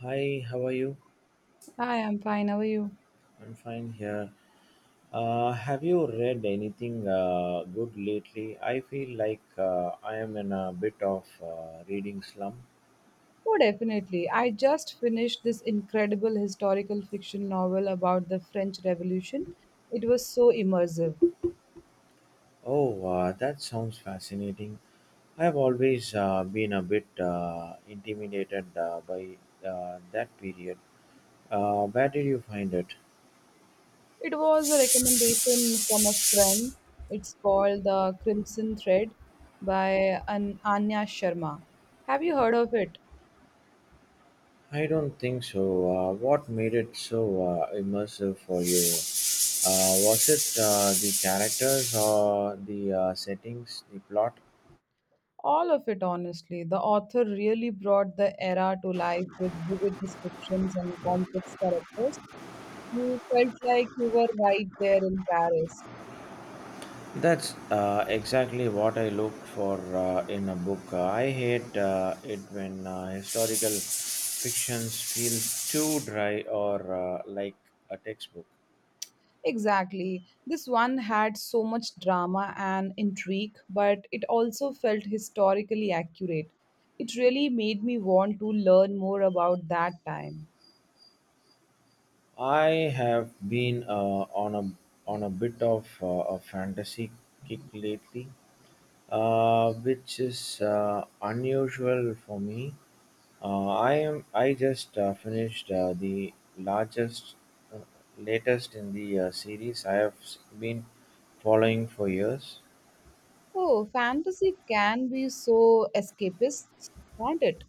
Hi, how are you? I'm fine. How are you? I'm fine here. Have you read anything good lately? I feel like I am in a bit of reading slump. Oh, definitely. I just finished this incredible historical fiction novel about the French Revolution. It was so immersive. Oh, that sounds fascinating. I've always been a bit intimidated by that period. Where did you find it? It was a recommendation from a friend. It's called The Crimson Thread by an Anya Sharma. Have you heard of it? I don't think so. What made it so immersive for you? Was it the characters or the settings, the plot? All of it, honestly. The author really brought the era to life with vivid descriptions and complex characters. You felt like you were right there in Paris. That's exactly what I look for in a book. I hate it when historical fictions feel too dry or like a textbook. Exactly. This one had so much drama and intrigue, but it also felt historically accurate. It really made me want to learn more about that time. I have been on a bit of a fantasy kick lately, which is unusual for me. I just finished the largest uh, latest in the series I have been following for years. Oh, fantasy can be so escapist, can't it?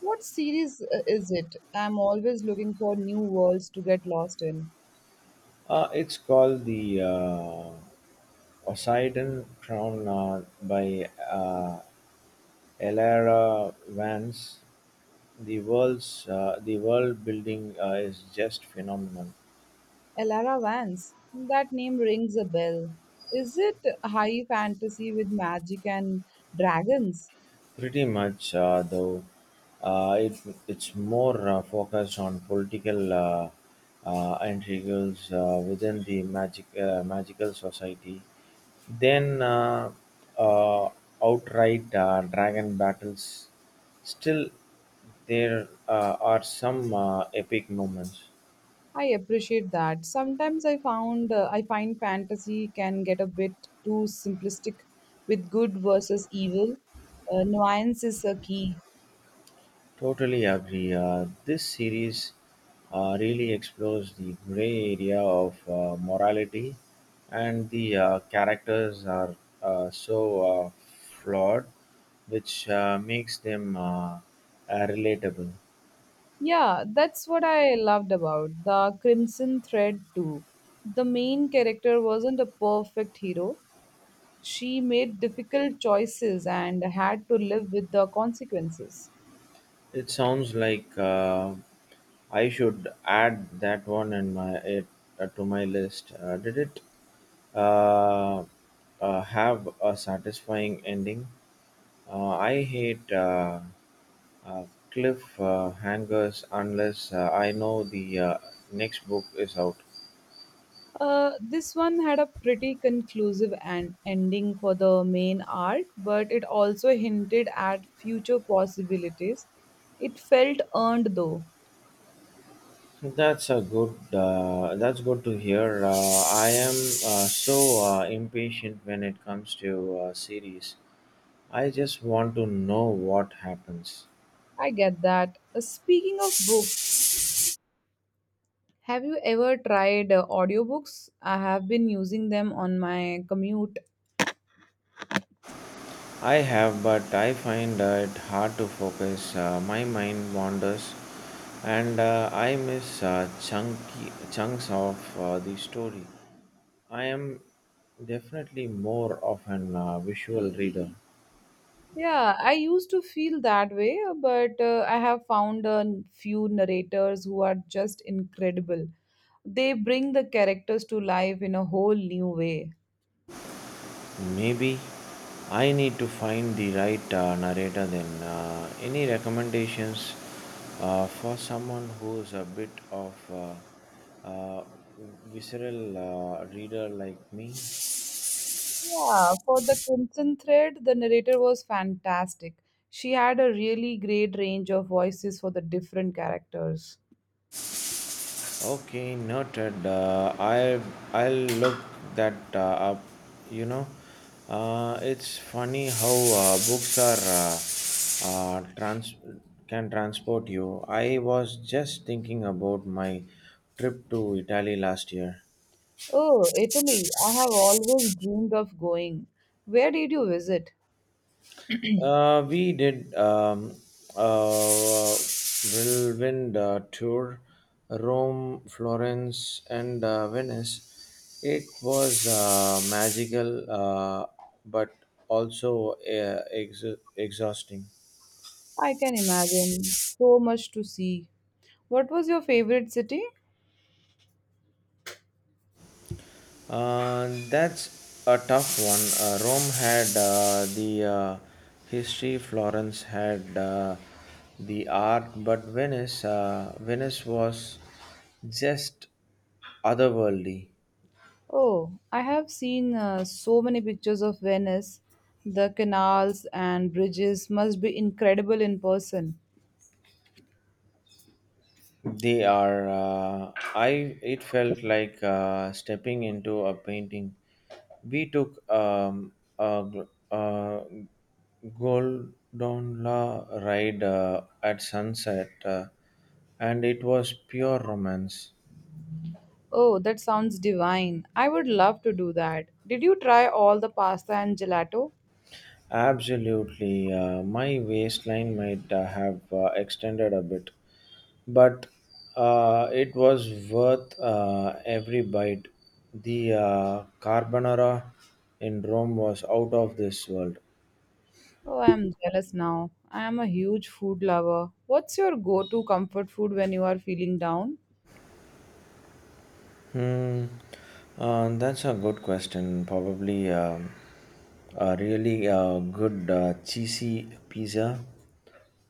What series is it? I'm always looking for new worlds to get lost in. It's called the Poseidon Crown by Elara Vance. The world building is just phenomenal. Elara Vance. That name rings a bell. Is it high fantasy with magic and dragons? Pretty much, though, uh, it, it's more focused on political intrigues within the magical society than uh, outright dragon battles. Still, there are some epic moments. I appreciate that. Sometimes I found I find fantasy can get a bit too simplistic with good versus evil. Nuance is a key. Totally agree. This series really explores the gray area of morality, and the characters are so uh, flawed, which makes them relatable. Yeah, that's what I loved about the Crimson Thread too. The main character wasn't a perfect hero. She made difficult choices and had to live with the consequences. It sounds like I should add that one to my list. Did it uh, have a satisfying ending? I hate. uh, cliff hangers, unless I know the next book is out. This one had a pretty conclusive an ending for the main arc, but it also hinted at future possibilities. It felt earned though. That's a good. That's good to hear. I am so impatient when it comes to series. I just want to know what happens. I get that. Speaking of books, have you ever tried audiobooks? I have been using them on my commute. I have, but I find it hard to focus. My mind wanders, and I miss chunky chunks of the story. I am definitely more of an visual reader. Yeah, I used to feel that way, but I have found a few narrators who are just incredible. They bring the characters to life in a whole new way. Maybe I need to find the right narrator then. Any recommendations for someone who's a bit of uh, visceral reader like me? Yeah, for the Crimson Thread, the narrator was fantastic. She had a really great range of voices for the different characters. Okay, noted. I'll look that up. You know, it's funny how books are trans can transport you. I was just thinking about my trip to Italy last year. Oh, Italy, I have always dreamed of going. Where did you visit? We did a whirlwind tour, Rome, Florence, and Venice. It was magical, but also exhausting. I can imagine. So much to see. What was your favorite city? That's a tough one. Rome had the history, Florence had the art, but Venice was just otherworldly. Oh, I have seen so many pictures of Venice. The canals and bridges must be incredible in person. They are. I. It felt like stepping into a painting. We took a gondola ride at sunset, and it was pure romance. Oh, that sounds divine. I would love to do that. Did you try all the pasta and gelato? Absolutely, my waistline might have extended a bit, but it was worth every bite. The carbonara in Rome was out of this world. Oh, I'm jealous now. I am a huge food lover. What's your go to comfort food when you are feeling down? Hmm. That's a good question. Probably a really good cheesy pizza.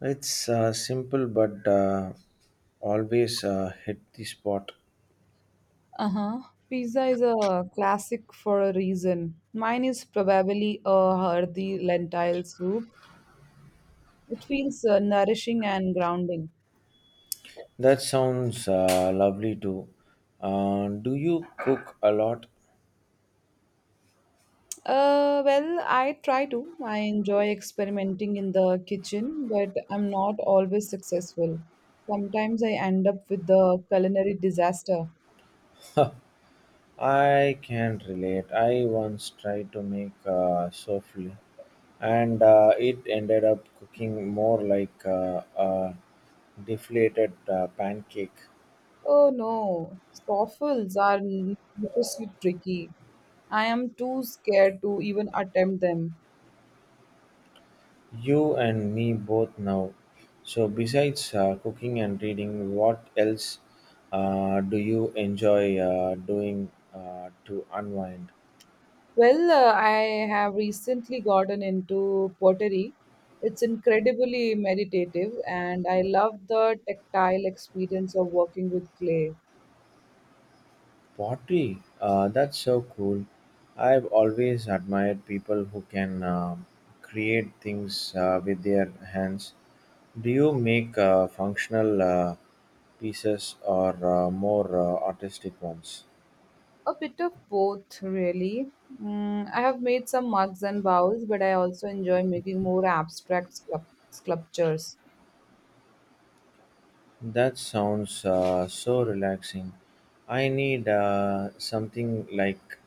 It's simple but always hit the spot. Uh huh. Pizza is a classic for a reason. Mine is probably a hearty lentil soup. It feels nourishing and grounding. That sounds lovely too. Do you cook a lot? Well, I try to. I enjoy experimenting in the kitchen, but I'm not always successful. Sometimes I end up with the culinary disaster. I can relate. I once tried to make souffle, and it ended up cooking more like a deflated pancake. Oh no, waffles are notoriously tricky. I am too scared to even attempt them. You and me both now. So, besides cooking and reading, what else do you enjoy doing to unwind? Well, I have recently gotten into pottery. It's incredibly meditative, and I love the tactile experience of working with clay. Pottery, that's so cool. I've always admired people who can create things with their hands. Do you make functional pieces or more artistic ones? A bit of both, really. Mm, I have made some mugs and bowls, but I also enjoy making more abstract sculptures. That sounds so relaxing. I need something like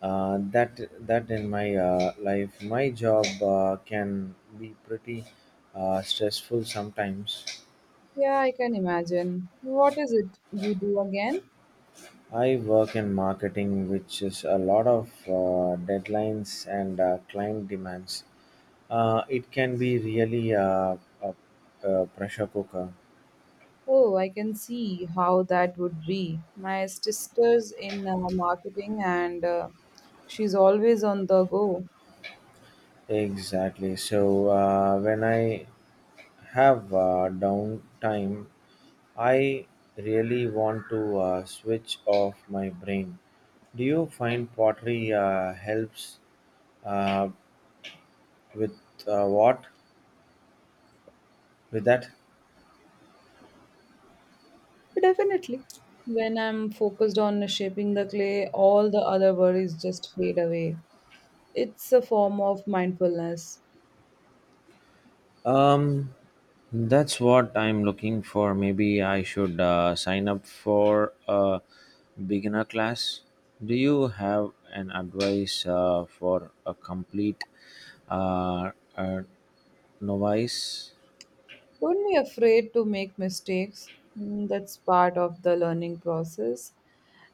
uh, that that in my life. My job can be pretty stressful sometimes. Yeah, I can imagine. What is it you do again? I work in marketing, which is a lot of deadlines and client demands. It can be really a pressure cooker. Oh, I can see how that would be. My sister's in marketing and she's always on the go. Exactly. So when I have downtime, I really want to switch off my brain. Do you find pottery helps uh, with uh, what? with that? Definitely. When I'm focused on shaping the clay, all the other worries just fade away. It's a form of mindfulness. Um, That's what I'm looking for. Maybe I should sign up for a beginner class. Do you have an advice for a complete uh, uh, novice? Don't be afraid to make mistakes. Mm, that's part of the learning process.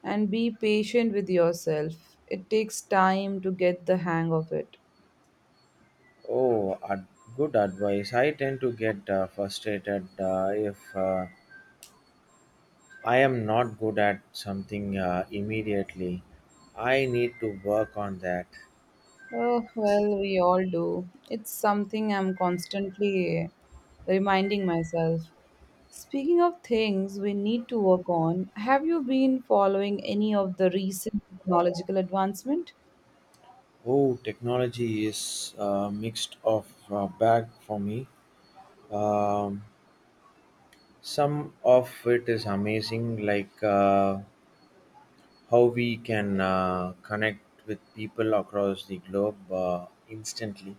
And be patient with yourself. It takes time to get the hang of it. Oh, ad- Good advice. I tend to get frustrated if I am not good at something immediately. I need to work on that. Oh, well, we all do. It's something I'm constantly reminding myself. Speaking of things we need to work on, have you been following any of the recent technological advancement? Oh, technology is a mixed of bag for me. Um, some of it is amazing, like how we can connect with people across the globe instantly.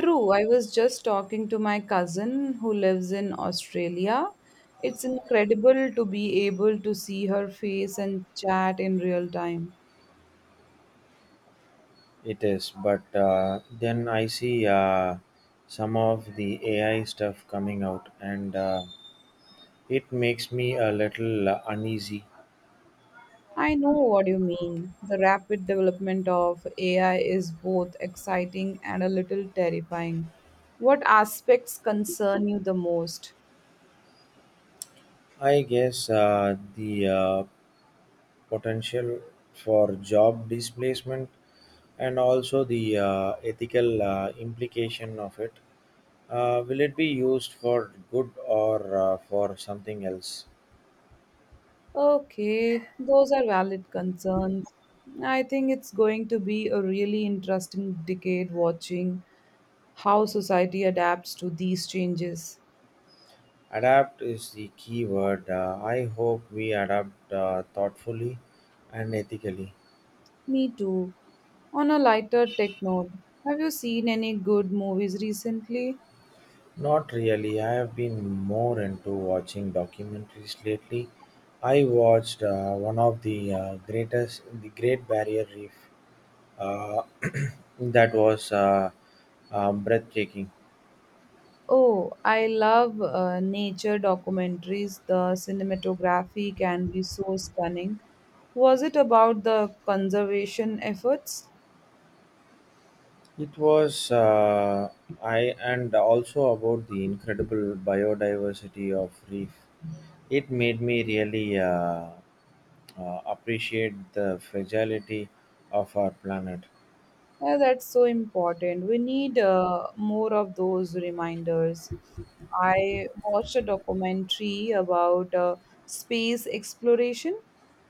True, I was just talking to my cousin who lives in Australia. It's incredible to be able to see her face and chat in real time. It is, but then I see some of the AI stuff coming out, and it makes me a little uneasy. I know what you mean. The rapid development of AI is both exciting and a little terrifying. What aspects concern you the most? I guess the potential for job displacement and also the ethical implication of it. Will it be used for good or for something else? Okay, those are valid concerns. I think it's going to be a really interesting decade watching how society adapts to these changes. Adapt is the key word. I hope we adapt thoughtfully and ethically. Me too. On a lighter tech note, have you seen any good movies recently? Not really. I have been more into watching documentaries lately. I watched one of the greatest, the Great Barrier Reef. Uh, that was breathtaking. Oh, I love nature documentaries. The cinematography can be so stunning. Was it about the conservation efforts? It was, I and also about the incredible biodiversity of reef. It made me really appreciate the fragility of our planet. Yeah, that's so important. We need more of those reminders. I watched a documentary about space exploration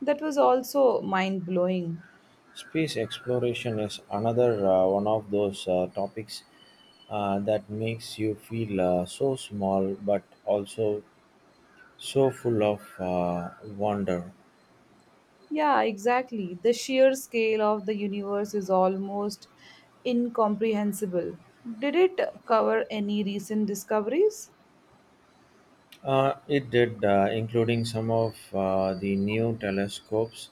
that was also mind blowing. Space exploration is another one of those topics that makes you feel so small but also so full of wonder. Yeah, exactly. The sheer scale of the universe is almost incomprehensible. Did it cover any recent discoveries? It did, including some of the new telescopes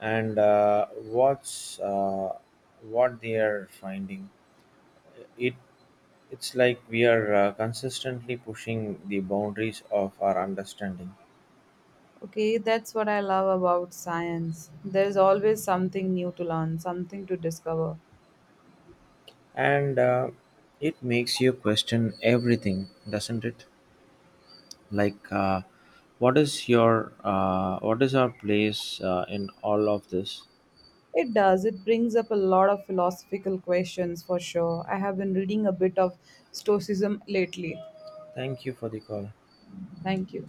and what they are finding. It it's like we are consistently pushing the boundaries of our understanding, Okay, that's what I love about science. There's always something new to learn, something to discover. and it makes you question everything, doesn't it? Like, what is our place in all of this? It does. It brings up a lot of philosophical questions for sure. I have been reading a bit of Stoicism lately. Thank you for the call. Thank you.